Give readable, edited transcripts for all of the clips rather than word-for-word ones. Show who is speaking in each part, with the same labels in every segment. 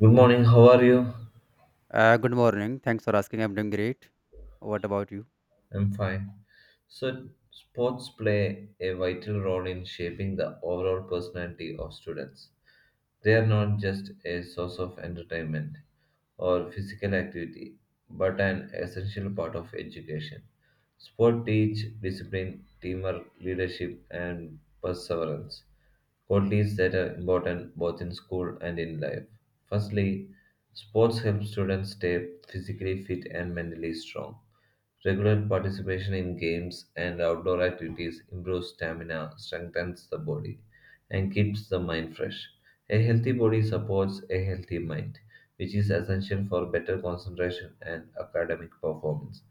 Speaker 1: Good morning, how are you?
Speaker 2: Good morning. Thanks for asking. I'm doing great. What about you?
Speaker 1: I'm fine. So, sports play a vital role in shaping the overall personality of students. They are not just a source of entertainment or physical activity, but an essential part of education. Sport teach discipline, teamwork, leadership, and perseverance, qualities that are important both in school and in life. Firstly, sports help students stay physically fit and mentally strong. Regular participation in games and outdoor activities improves stamina, strengthens the body and keeps the mind fresh. A healthy body supports a healthy mind, which is essential for better concentration and academic performance.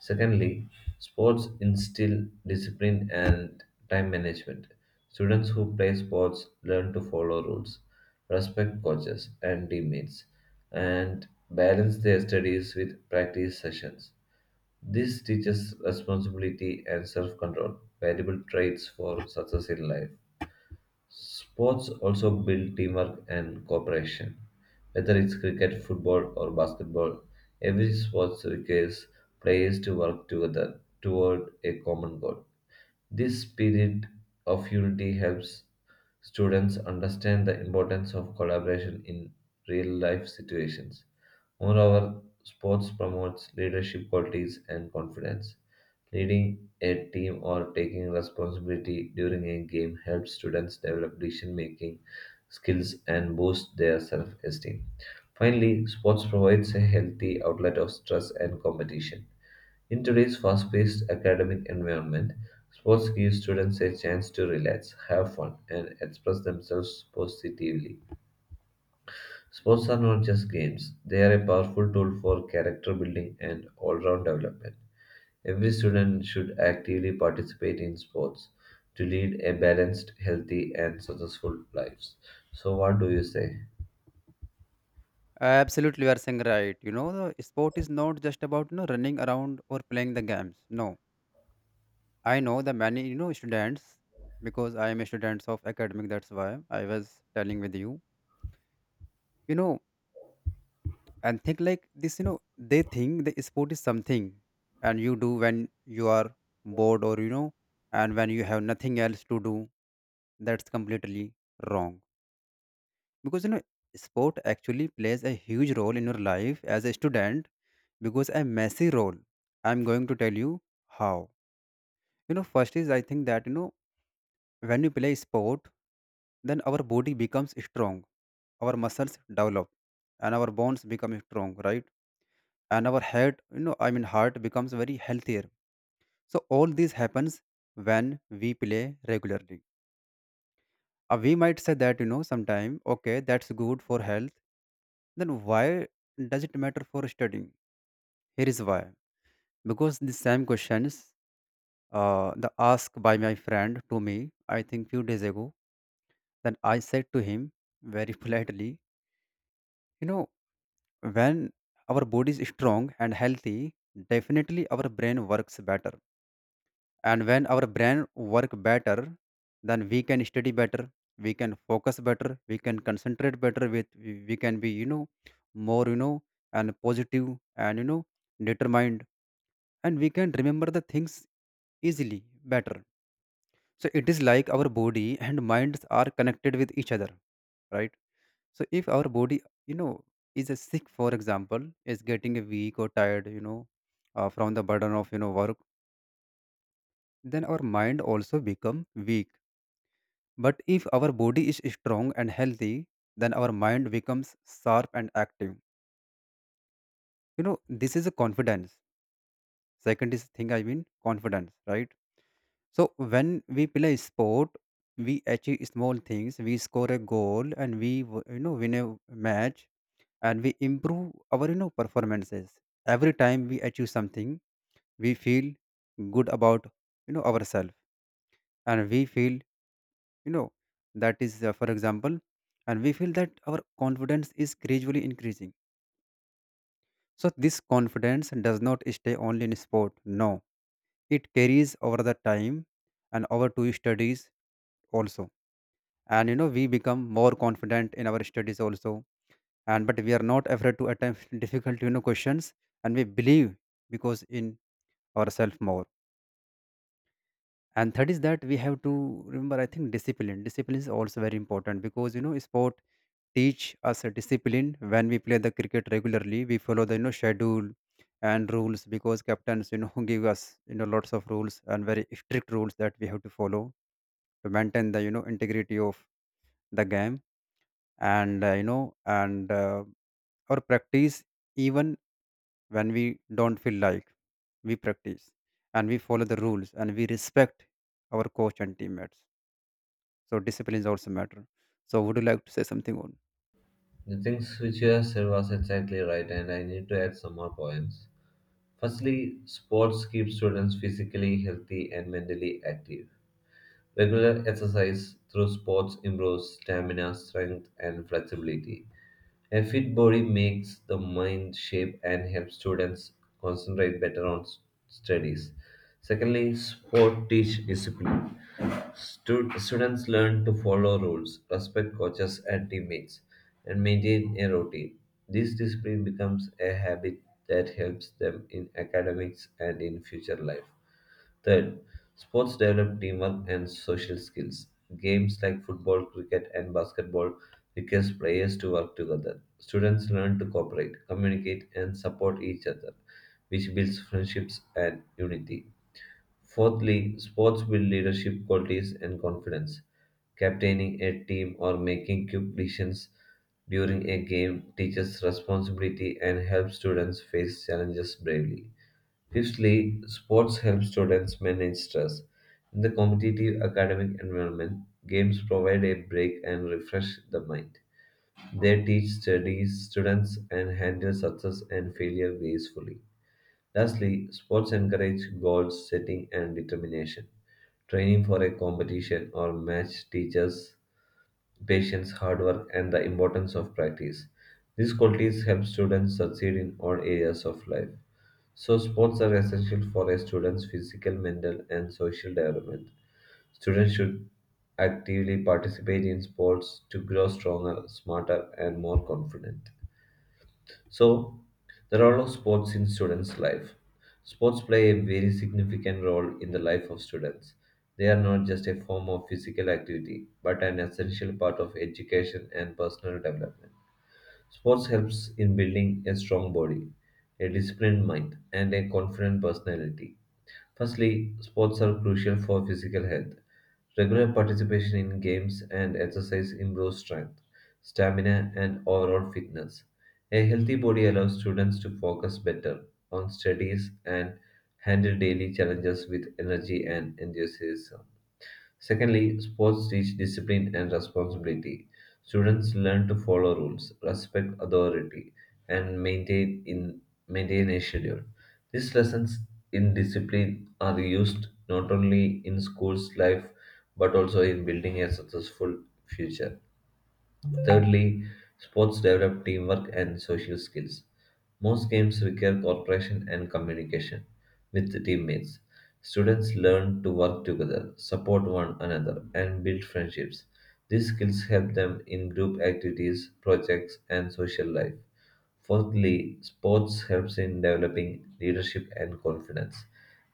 Speaker 1: Secondly, sports instill discipline and time management. Students who play sports learn to follow rules, respect coaches and teammates, and balance their studies with practice sessions. This teaches responsibility and self control, valuable traits for success in life. Sports also build teamwork and cooperation. Whether it's cricket, football, or basketball, every sport requires players to work together toward a common goal. This spirit of unity helps students understand the importance of collaboration in real life situations. Moreover, sports promotes leadership qualities and confidence. Leading a team or taking responsibility during a game helps students develop decision making skills and boost their self esteem. Finally, sports provides a healthy outlet of stress and competition. In today's fast-paced academic environment, sports give students a chance to relax, have fun, and express themselves positively. Sports are not just games, they are a powerful tool for character building and all-round development. Every student should actively participate in sports to lead a balanced, healthy, and successful lives. So what do you say?
Speaker 2: Absolutely, you are saying right. The sport is not just about running around or playing the games. No, I know the many students because I am a student of academic. That's why I was telling with you. You know, and think like this. They think the sport is something, and you do when you are bored, or and when you have nothing else to do. That's completely wrong because sport actually plays a huge role in your life as a student, because a messy role I'm going to tell you how. First is, I think that, when you play sport, then our body becomes strong, our muscles develop, and our bones become strong, right? And our head, I mean, heart becomes very healthier. So all this happens when we play regularly. We might say that, sometime, okay, that's good for health. Then why does it matter for studying? Here is why. Because the same questions, the ask by my friend to me, I think few days ago, then I said to him very politely, you know, when our body is strong and healthy, definitely our brain works better. And when our brain work better, then we can study better, we can focus better, we can concentrate better with we, can be more, and positive, and determined, and we can remember the things easily, better. So it is like our body and minds are connected with each other, right? So if our body, you know is a sick, for example, is getting a weak or tired, from the burden of work, then our mind also become weak. But if our body is strong and healthy, then our mind becomes sharp and active. You know, this is a confidence. Second is thing, I mean confidence, right? So when we play sport, we achieve small things. We score a goal and we win a match, and we improve our performances. Every time we achieve something, we feel good about ourselves, and we feel, you know that is, for example, and we feel that our confidence is gradually increasing. So this confidence does not stay only in sport. No, it carries over the time and over to studies also. And we become more confident in our studies also. And but we are not afraid to attempt difficult questions, and we believe, because in ourselves more. And third is that we have to remember, I think, discipline, is also very important because sport teach us a discipline. When we play the cricket regularly, we follow the schedule and rules, because captains give us lots of rules and very strict rules that we have to follow to maintain the integrity of the game. And or practice, even when we don't feel like, we practice and we follow the rules, and we respect our coach and teammates. So discipline is also matter. So would you like to say something on?
Speaker 1: The things which you have said was exactly right, and I need to add some more points. Firstly, sports keep students physically healthy and mentally active. Regular exercise through sports improves stamina, strength, and flexibility. A fit body makes the mind shape and helps students concentrate better on studies. Secondly, sport teach discipline. Students learn to follow rules, respect coaches and teammates, and maintain a routine. This discipline becomes a habit that helps them in academics and in future life. Third, sports develop teamwork and social skills. Games like football, cricket, and basketball requires players to work together. Students learn to cooperate, communicate, and support each other, which builds friendships and unity. Fourthly, sports build leadership qualities and confidence. Captaining a team or making quick decisions during a game teaches responsibility and helps students face challenges bravely. Fifthly, sports help students manage stress. In the competitive academic environment, games provide a break and refresh the mind. They teach studies students and handle success and failure gracefully. Lastly, sports encourage goal setting and determination. Training for a competition or match teaches patience, hard work, and the importance of practice. These qualities help students succeed in all areas of life. So, sports are essential for a student's physical, mental, and social development. Students should actively participate in sports to grow stronger, smarter, and more confident. So, the role of sports in students' life. Sports play a very significant role in the life of students. They are not just a form of physical activity, but an essential part of education and personal development. Sports helps in building a strong body, a disciplined mind, and a confident personality. Firstly, sports are crucial for physical health. Regular participation in games and exercise improves strength, stamina, and overall fitness. A healthy body allows students to focus better on studies and handle daily challenges with energy and enthusiasm. Secondly, sports teach discipline and responsibility. Students learn to follow rules, respect authority, and maintain a schedule. These lessons in discipline are used not only in school's life but also in building a successful future. Thirdly, sports develop teamwork and social skills. Most games require cooperation and communication with the teammates. Students learn to work together, support one another, and build friendships. These skills help them in group activities, projects, and social life. Fourthly, sports helps in developing leadership and confidence.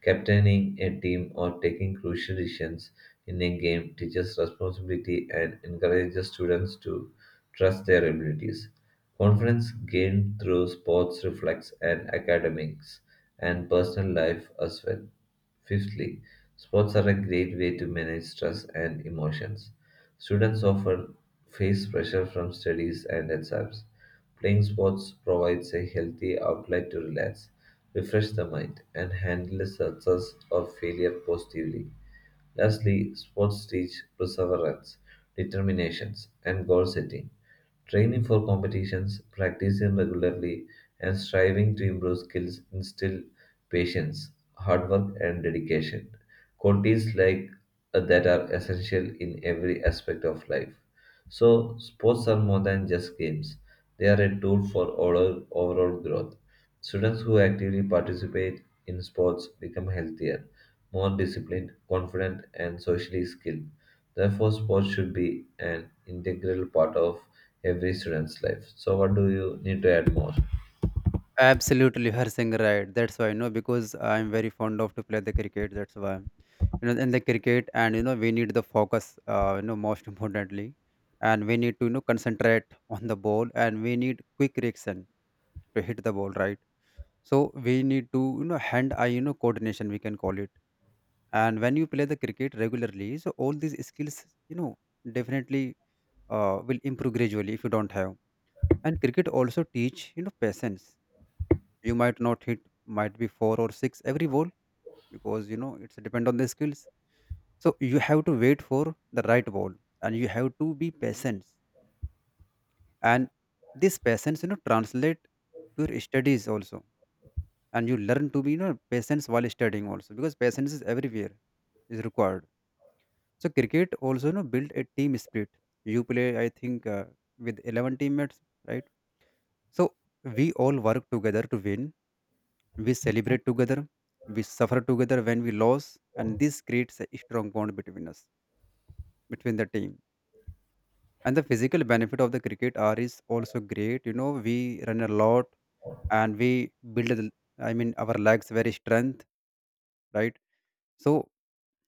Speaker 1: Captaining a team or taking crucial decisions in a game teaches responsibility and encourages students to trust their abilities. Confidence gained through sports reflects in academics and personal life as well. Fifthly, sports are a great way to manage stress and emotions. Students often face pressure from studies and exams. Playing sports provides a healthy outlet to relax, refresh the mind, and handle success or failure positively. Lastly, sports teach perseverance, determinations, and goal setting. Training for competitions, practicing regularly, and striving to improve skills instill patience, hard work, and dedication. Qualities like that are essential in every aspect of life. So, sports are more than just games; they are a tool for overall growth. Students who actively participate in sports become healthier, more disciplined, confident, and socially skilled. Therefore, sports should be an integral part of every student's life. So, what do you need to add more?
Speaker 2: Absolutely, you are saying right. That's why because I'm very fond of to play the cricket. That's why in the cricket, and we need the focus. Most importantly, and we need to concentrate on the ball, and we need quick reaction to hit the ball, right? So we need to hand eye, coordination we can call it. And when you play the cricket regularly, so all these skills, you know definitely, will improve gradually if you don't have. And cricket also teach, you know, patience. You might not hit, might be four or six every ball, because it's depend on the skills. So you have to wait for the right ball, and you have to be patient. And this patience, you know, translate to your studies also, and you learn to be, you know, patience while studying also, because patience is everywhere is required. So cricket also, you know, build a team spirit. You play, I think, with 11 teammates, right? So we all work together to win. We celebrate together, we suffer together when we lose, and this creates a strong bond between us, between the team. And the physical benefit of the cricket are is also great. You know, we run a lot and we I mean, our legs very strength, right? So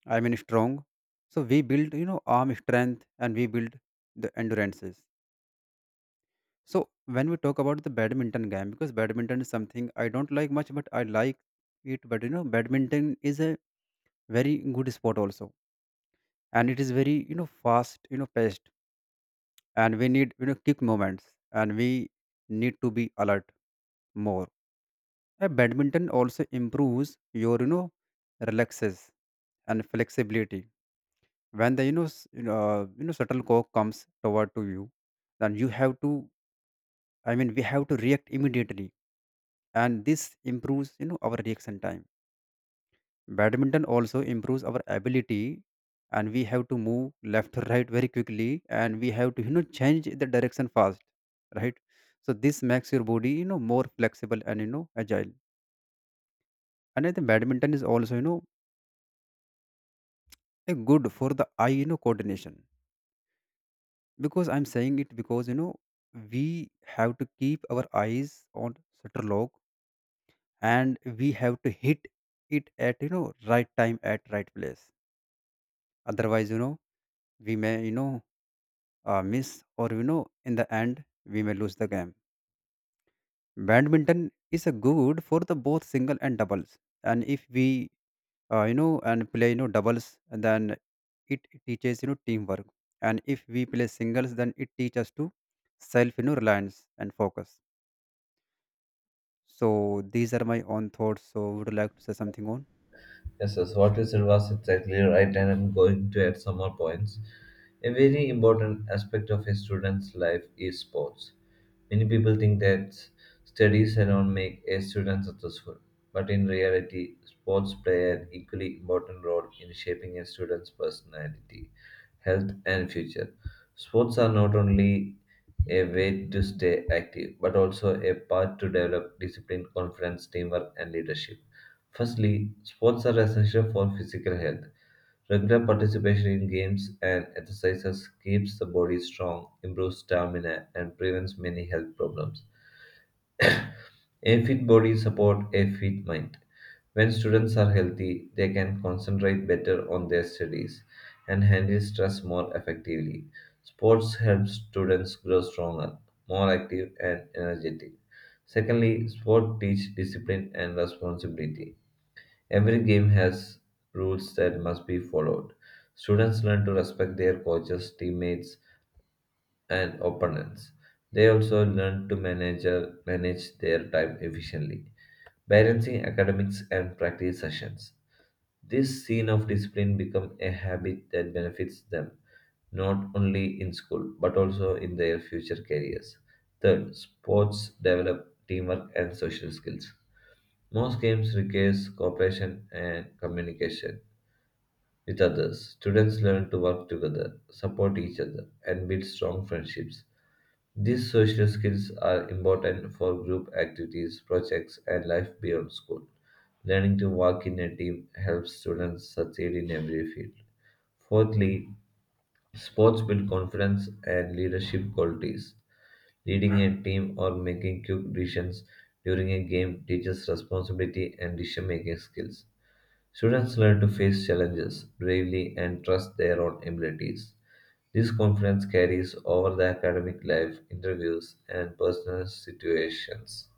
Speaker 2: I mean strong. So we build, you know, arm strength, and we build the endurances. So when we talk about the badminton game, because badminton is something I don't like much, but I like it. But you know, badminton is a very good sport also, and it is very, fast, paced, and we need, kick moments, and we need to be alert more. Badminton also improves your, relaxes and flexibility. When the, shuttlecock comes toward to you, then you have to, we have to react immediately, and this improves, our reaction time. Badminton also improves our ability, and we have to move left to right very quickly, and we have to, change the direction fast, right? So this makes your body, more flexible and, agile. And I think badminton is also, a good for the eye, coordination. Because I'm saying it, because, we have to keep our eyes on shutter lock, and we have to hit it at, right time at right place. Otherwise, we may, miss, or you know, in the end, we may lose the game. Badminton is a good for the both single and doubles, and if we, you know and play, doubles, and then it teaches, teamwork. And if we play singles, then it teaches to self, reliance and focus. So these are my own thoughts. So would you like to say something on?
Speaker 1: Yes, yes, what you said was exactly right, and I'm going to add some more points. A very important aspect of a student's life is sports. Many people think that studies alone make a student successful, but in reality, sports play an equally important role in shaping a student's personality, health, and future. Sports are not only a way to stay active, but also a path to develop discipline, confidence, teamwork, and leadership. Firstly, sports are essential for physical health. Regular participation in games and exercises keeps the body strong, improves stamina, and prevents many health problems. A fit body support a fit mind. When students are healthy, they can concentrate better on their studies and handle stress more effectively. Sports helps students grow stronger, more active, and energetic. Secondly, sport teach discipline and responsibility. Every game has rules that must be followed. Students learn to respect their coaches, teammates, and opponents. They also learn to manage their time efficiently, balancing academics and practice sessions. This scene of discipline becomes a habit that benefits them not only in school but also in their future careers. Third, sports develop teamwork and social skills. Most games requires cooperation and communication with others. Students learn to work together, support each other, and build strong friendships. These social skills are important for group activities, projects, and life beyond school. Learning to work in a team helps students succeed in every field. Fourthly, sports build confidence and leadership qualities. Leading a team or making quick decisions during a game teaches responsibility and decision making skills. Students learn to face challenges bravely and trust their own abilities. This confidence carries over the academic life, interviews, and personal situations.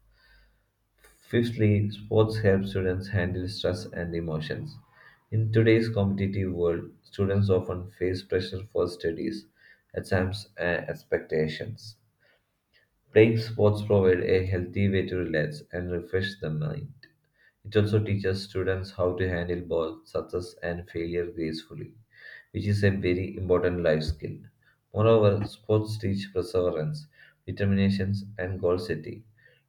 Speaker 1: Fifthly, sports help students handle stress and emotions. In today's competitive world, students often face pressure for studies, exams, and expectations. Playing sports provides a healthy way to relax and refresh the mind. It also teaches students how to handle both success and failure gracefully, which is a very important life skill. Moreover, sports teach perseverance, determination, and goal setting.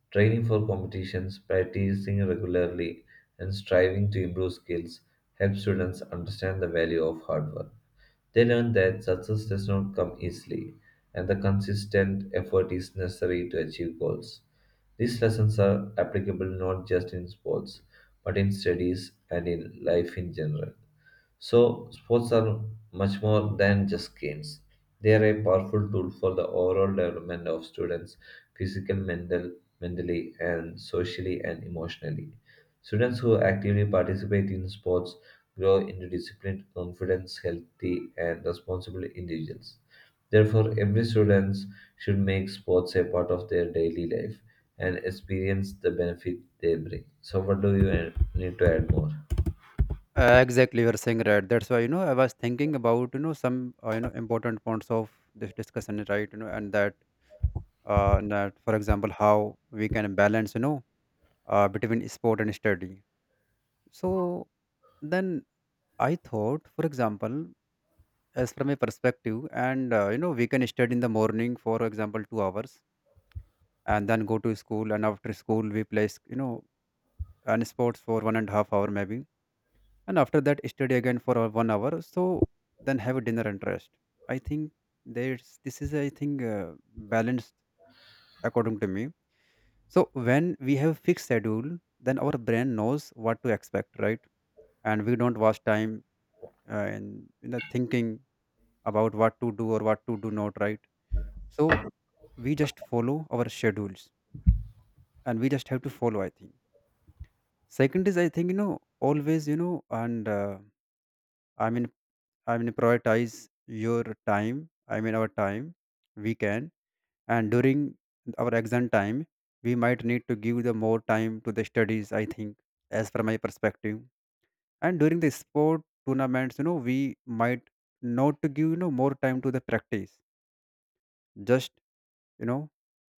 Speaker 1: Training for competitions, practicing regularly, and striving to improve skills help students understand the value of hard work. They learn that success does not come easily and the consistent effort is necessary to achieve goals. These lessons are applicable not just in sports, but in studies and in life in general. So, sports are much more than just games. They are a powerful tool for the overall development of students, physical, mentally, and socially and emotionally. Students who actively participate in sports grow into disciplined, confident, healthy, and responsible individuals. Therefore, every student should make sports a part of their daily life and experience the benefit they bring. So, what do you need to add more?
Speaker 2: Exactly, you're saying right. That's why, I was thinking about, some, important points of this discussion, right? You know, and that, that, for example, how we can balance, between sport and study. So then I thought, for example, as from a perspective, and, we can study in the morning, for example, 2 hours, and then go to school, and after school we play and sports for 1.5 hours maybe, and after that study again for 1 hour. So then have dinner and rest. I think there's, this is, I think, balanced according to me. So when we have fixed schedule, then our brain knows what to expect, right? And we don't waste time, in, thinking about what to do or what to do not, right? So we just follow our schedules, and we just have to follow, I think. Second is, I think, always, you know and I mean I mean prioritize your time. I mean our time, we can, and during our exam time we might need to give the more time to the studies, I think, as per my perspective. And during the sport tournaments, we might not to give, more time to the practice, just, you know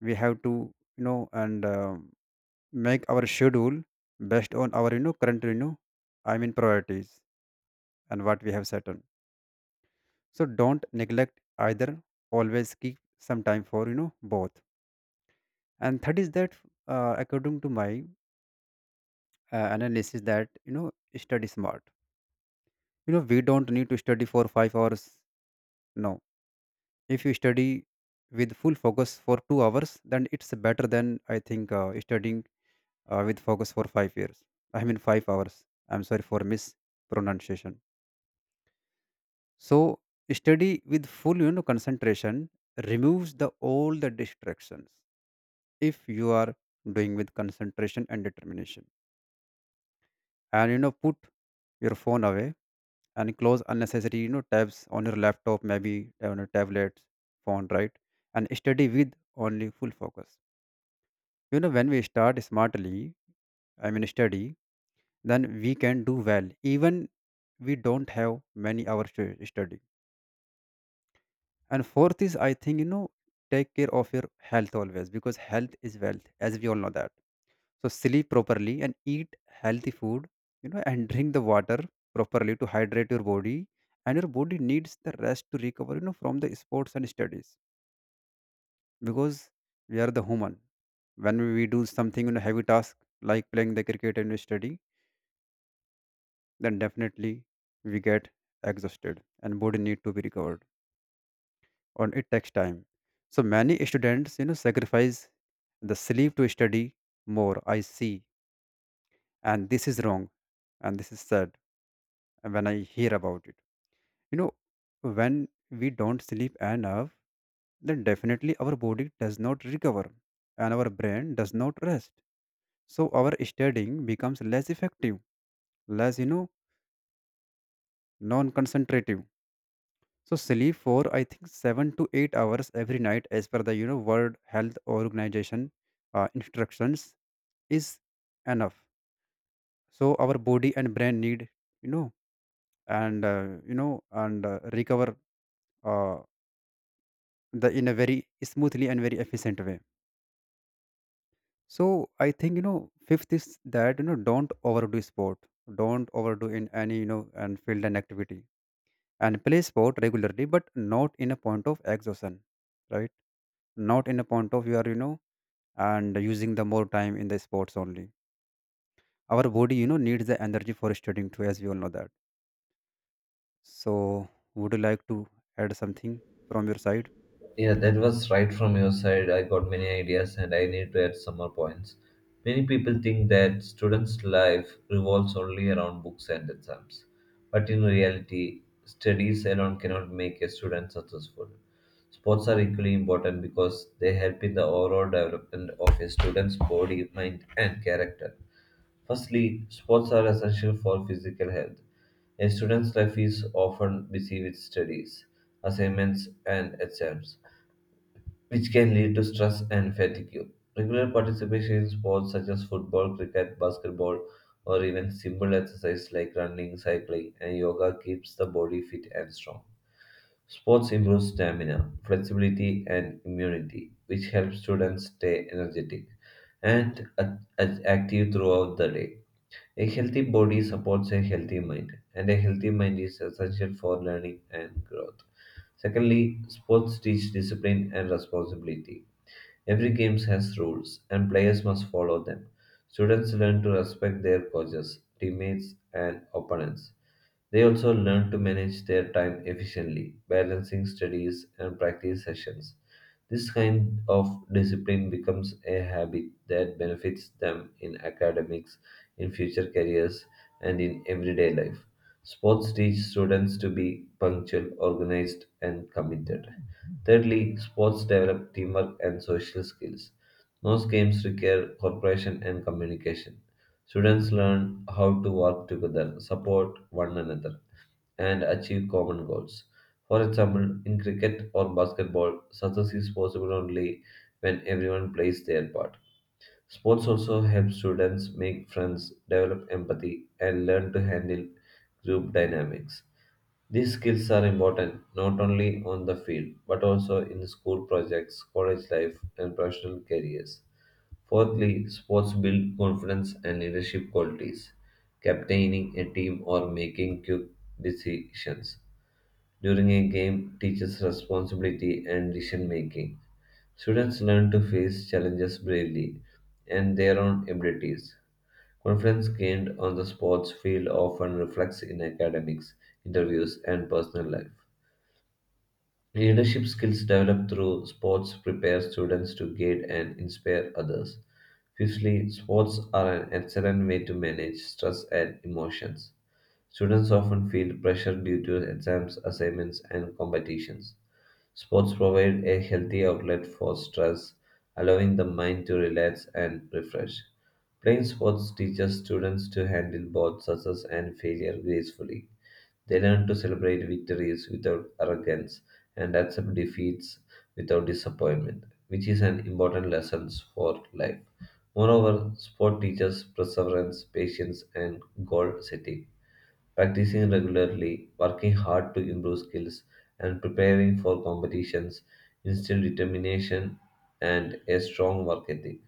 Speaker 2: we have to, you know and make our schedule based on our, current, priorities and what we have set on. So don't neglect either, always keep some time for, both. And third is that, according to my analysis that, study smart. You know, we don't need to study for 5 hours. No. If you study with full focus for 2 hours, then it's better than, I think, studying, with focus for 5 years. I mean 5 hours. I'm sorry for mispronunciation. So study with full, concentration, removes the all the distractions if you are doing with concentration and determination. And you know put your phone away and close unnecessary, tabs on your laptop, maybe on your tablet phone, right? And study with only full focus. You know, when we start smartly, I mean study, then we can do well, even we don't have many hours to study. And fourth is, I think, you know, take care of your health always, because health is wealth, as we all know that. So sleep properly and eat healthy food, and drink the water properly to hydrate your body. And your body needs the rest to recover, from the sports and studies because we are the human. When we do something, heavy task like playing the cricket and we study, then definitely we get exhausted and body need to be recovered and it takes time so many students sacrifice the sleep to study more I see. And this is wrong and this is sad, and when I hear about it you know when we don't sleep enough, then definitely our body does not recover and our brain does not rest, so our studying becomes less effective, less non concentrative. So sleep for I think 7 to 8 hours every night, as per the World Health Organization instructions, is enough. So our body and brain need you know you know and recover uh, the in a very smoothly and very efficient way. So I think fifth is that don't overdo sport, don't overdo in any and field and activity, and play sport regularly, but not in a point of exhaustion, right? Not in a point of you are and using the more time in the sports only. Our body, needs the energy for studying too, as we all know that. So, would you like to add something from your side?
Speaker 1: Yeah, that was right from your side. I got many ideas and I need to add some more points. Many people think that students' life revolves only around books and exams. But in reality, studies alone cannot make a student successful. Sports are equally important because they help in the overall development of a student's body, mind, and character. Firstly, sports are essential for physical health. A student's life is often busy with studies, assignments, and exams which can lead to stress and fatigue. Regular participation in sports such as football, cricket, basketball, or even simple exercise like running, cycling, and yoga keeps the body fit and strong. Sports improve stamina, flexibility, and immunity, which helps students stay energetic and active throughout the day. A healthy body supports a healthy mind, and a healthy mind is essential for learning and growth. Secondly, sports teach discipline and responsibility. Every game has rules, and players must follow them. Students learn to respect their coaches, teammates, and opponents. They also learn to manage their time efficiently, balancing studies and practice sessions. This kind of discipline becomes a habit that benefits them in academics, in future careers, and in everyday life. Sports teach students to be punctual, organized, and committed. Thirdly, sports develop teamwork and social skills. Most games require cooperation and communication. Students learn how to work together, support one another, and achieve common goals. For example, in cricket or basketball, success is possible only when everyone plays their part. Sports also help students make friends, develop empathy, and learn to handle group dynamics. These skills are important not only on the field but also in school projects, college life, and professional careers. Fourthly, sports build confidence and leadership qualities. Captaining a team or making quick decisions during a game teaches responsibility and decision making. Students learn to face challenges bravely and their own abilities. Confidence gained on the sports field often reflects in academics, interviews, and personal life. Leadership skills developed through sports prepare students to guide and inspire others. Fifthly, sports are an excellent way to manage stress and emotions. Students often feel pressure due to exams, assignments, and competitions. Sports provide a healthy outlet for stress, allowing the mind to relax and refresh. Playing sports teaches students to handle both success and failure gracefully. They learn to celebrate victories without arrogance and accept defeats without disappointment, which is an important lesson for life. Moreover, sport teaches perseverance, patience, and goal setting practicing regularly, working hard to improve skills, and preparing for competitions instills determination and a strong work ethic.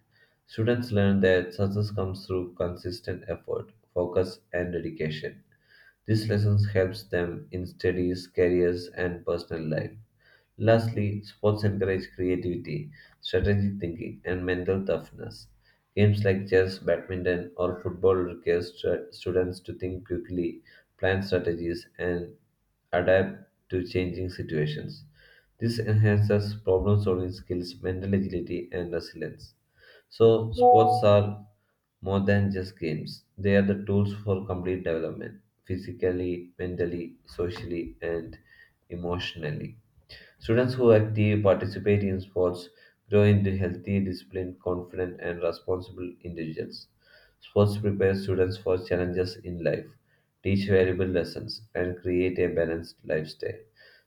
Speaker 1: Students learn that success comes through consistent effort, focus, and dedication. These lessons helps them in studies, careers, and personal life. Lastly, sports encourage creativity, strategic thinking, and mental toughness. Games like chess, badminton, or football require students to think quickly, plan strategies, and adapt to changing situations. This enhances problem solving skills, mental agility, and resilience. So, sports are more than just games, they are the tools for complete development physically, mentally, socially, and emotionally. Students who actively participate in sports grow into healthy, disciplined, confident, and responsible individuals. Sports prepare students for challenges in life, teach valuable lessons, and create a balanced lifestyle.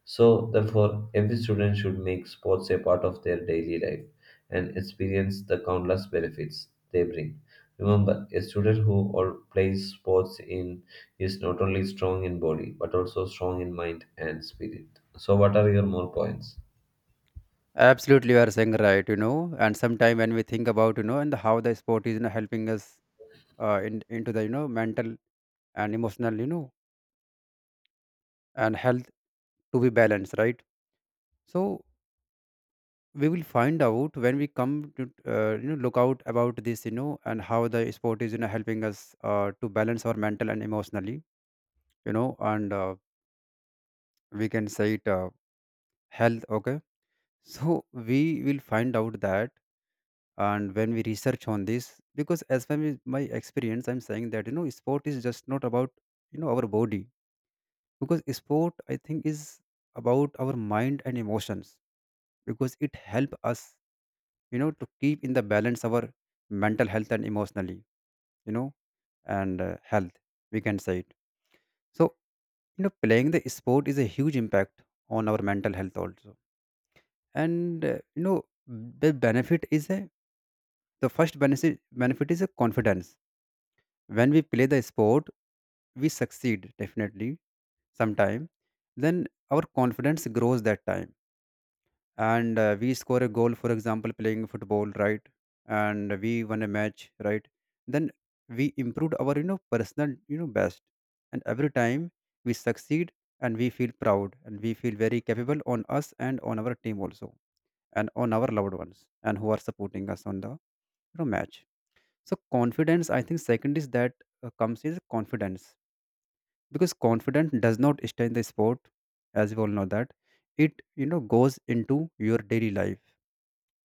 Speaker 1: So, therefore, every student should make sports a part of their daily life and experience the countless benefits they bring. Remember, a student who all plays sports in is not only strong in body but also strong in mind and spirit. So, what are your more points?
Speaker 2: Absolutely, you are saying right. And sometime when we think about and how the sport is helping us in into the mental and emotional and health to be balanced, right? So we will find out when we come to look out about this and how the sport is helping us to balance our mental and emotionally you know and we can say it health. Okay, so we will find out that. And when we research on this, because as far as my experience I'm saying that sport is just not about our body, because sport I think is about our mind and emotions, because it help us to keep in the balance our mental health and emotionally you know and health, we can say it. So playing the sport is a huge impact on our mental health also. And the benefit is a the first benefit is a confidence. When we play the sport, we succeed definitely sometime. Then our confidence grows that time, and we score a goal. For example, playing football, right? And we won a match, right? Then we improved our personal best, and every time we succeed and we feel proud and we feel very capable on us and on our team also, and on our loved ones and who are supporting us on the match. So confidence, I think second is that comes is confidence, because confidence does not stay in the sport, as we all know that. It goes into your daily life,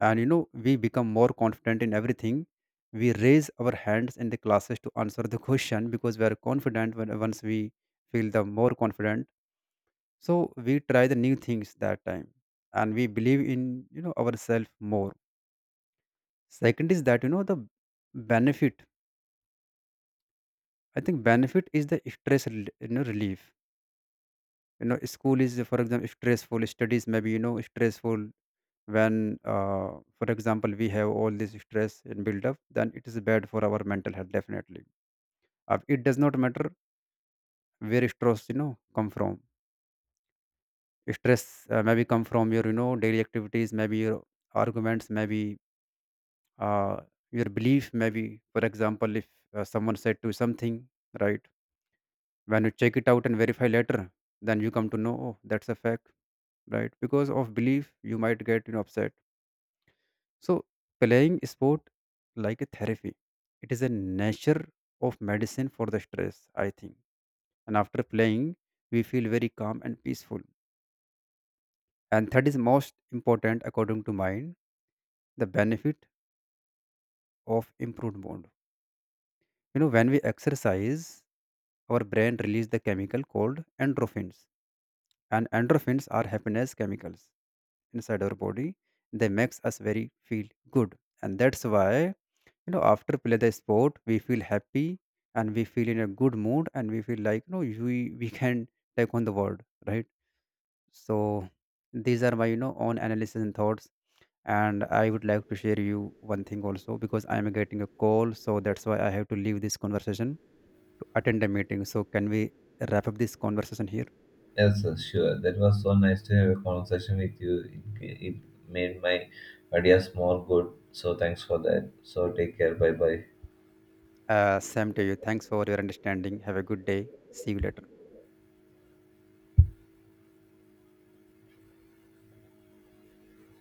Speaker 2: and we become more confident in everything. We raise our hands in the classes to answer the question, because we are confident when once we feel the more confident. So we try the new things that time, and we believe in ourselves more. Second is that the benefit. I think benefit is the stress rel- you know relief. You know, school is for example stressful. Studies maybe stressful when for example we have all this stress and build up, then it is bad for our mental health definitely. It does not matter where stress come from. Stress maybe come from your daily activities, maybe your arguments, maybe uh, your belief, maybe for example if someone said to you something, right? When you check it out and verify later, then you come to know, oh, that's a fact, right? Because of belief, you might get upset. So playing sport like a therapy, it is a nature of medicine for the stress, I think. And after playing, we feel very calm and peaceful. And that is most important, according to mine, the benefit of improved mood. You know, when we exercise, our brain releases the chemical called endorphins, and endorphins are happiness chemicals inside our body. They makes us very feel good. And that's why after play the sport we feel happy, and we feel in a good mood, and we feel like we can take on the world, right? So these are my own analysis and thoughts. And I would like to share you one thing also, because I am getting a call, so that's why I have to leave this conversation to attend a meeting. So can we wrap up this conversation here?
Speaker 1: Yes, sir, sure. That was so nice to have a conversation with you. It made my ideas more good. So, thanks for that. So, take care. Bye bye.
Speaker 2: Same to you. Thanks for your understanding. Have a good day. See you later.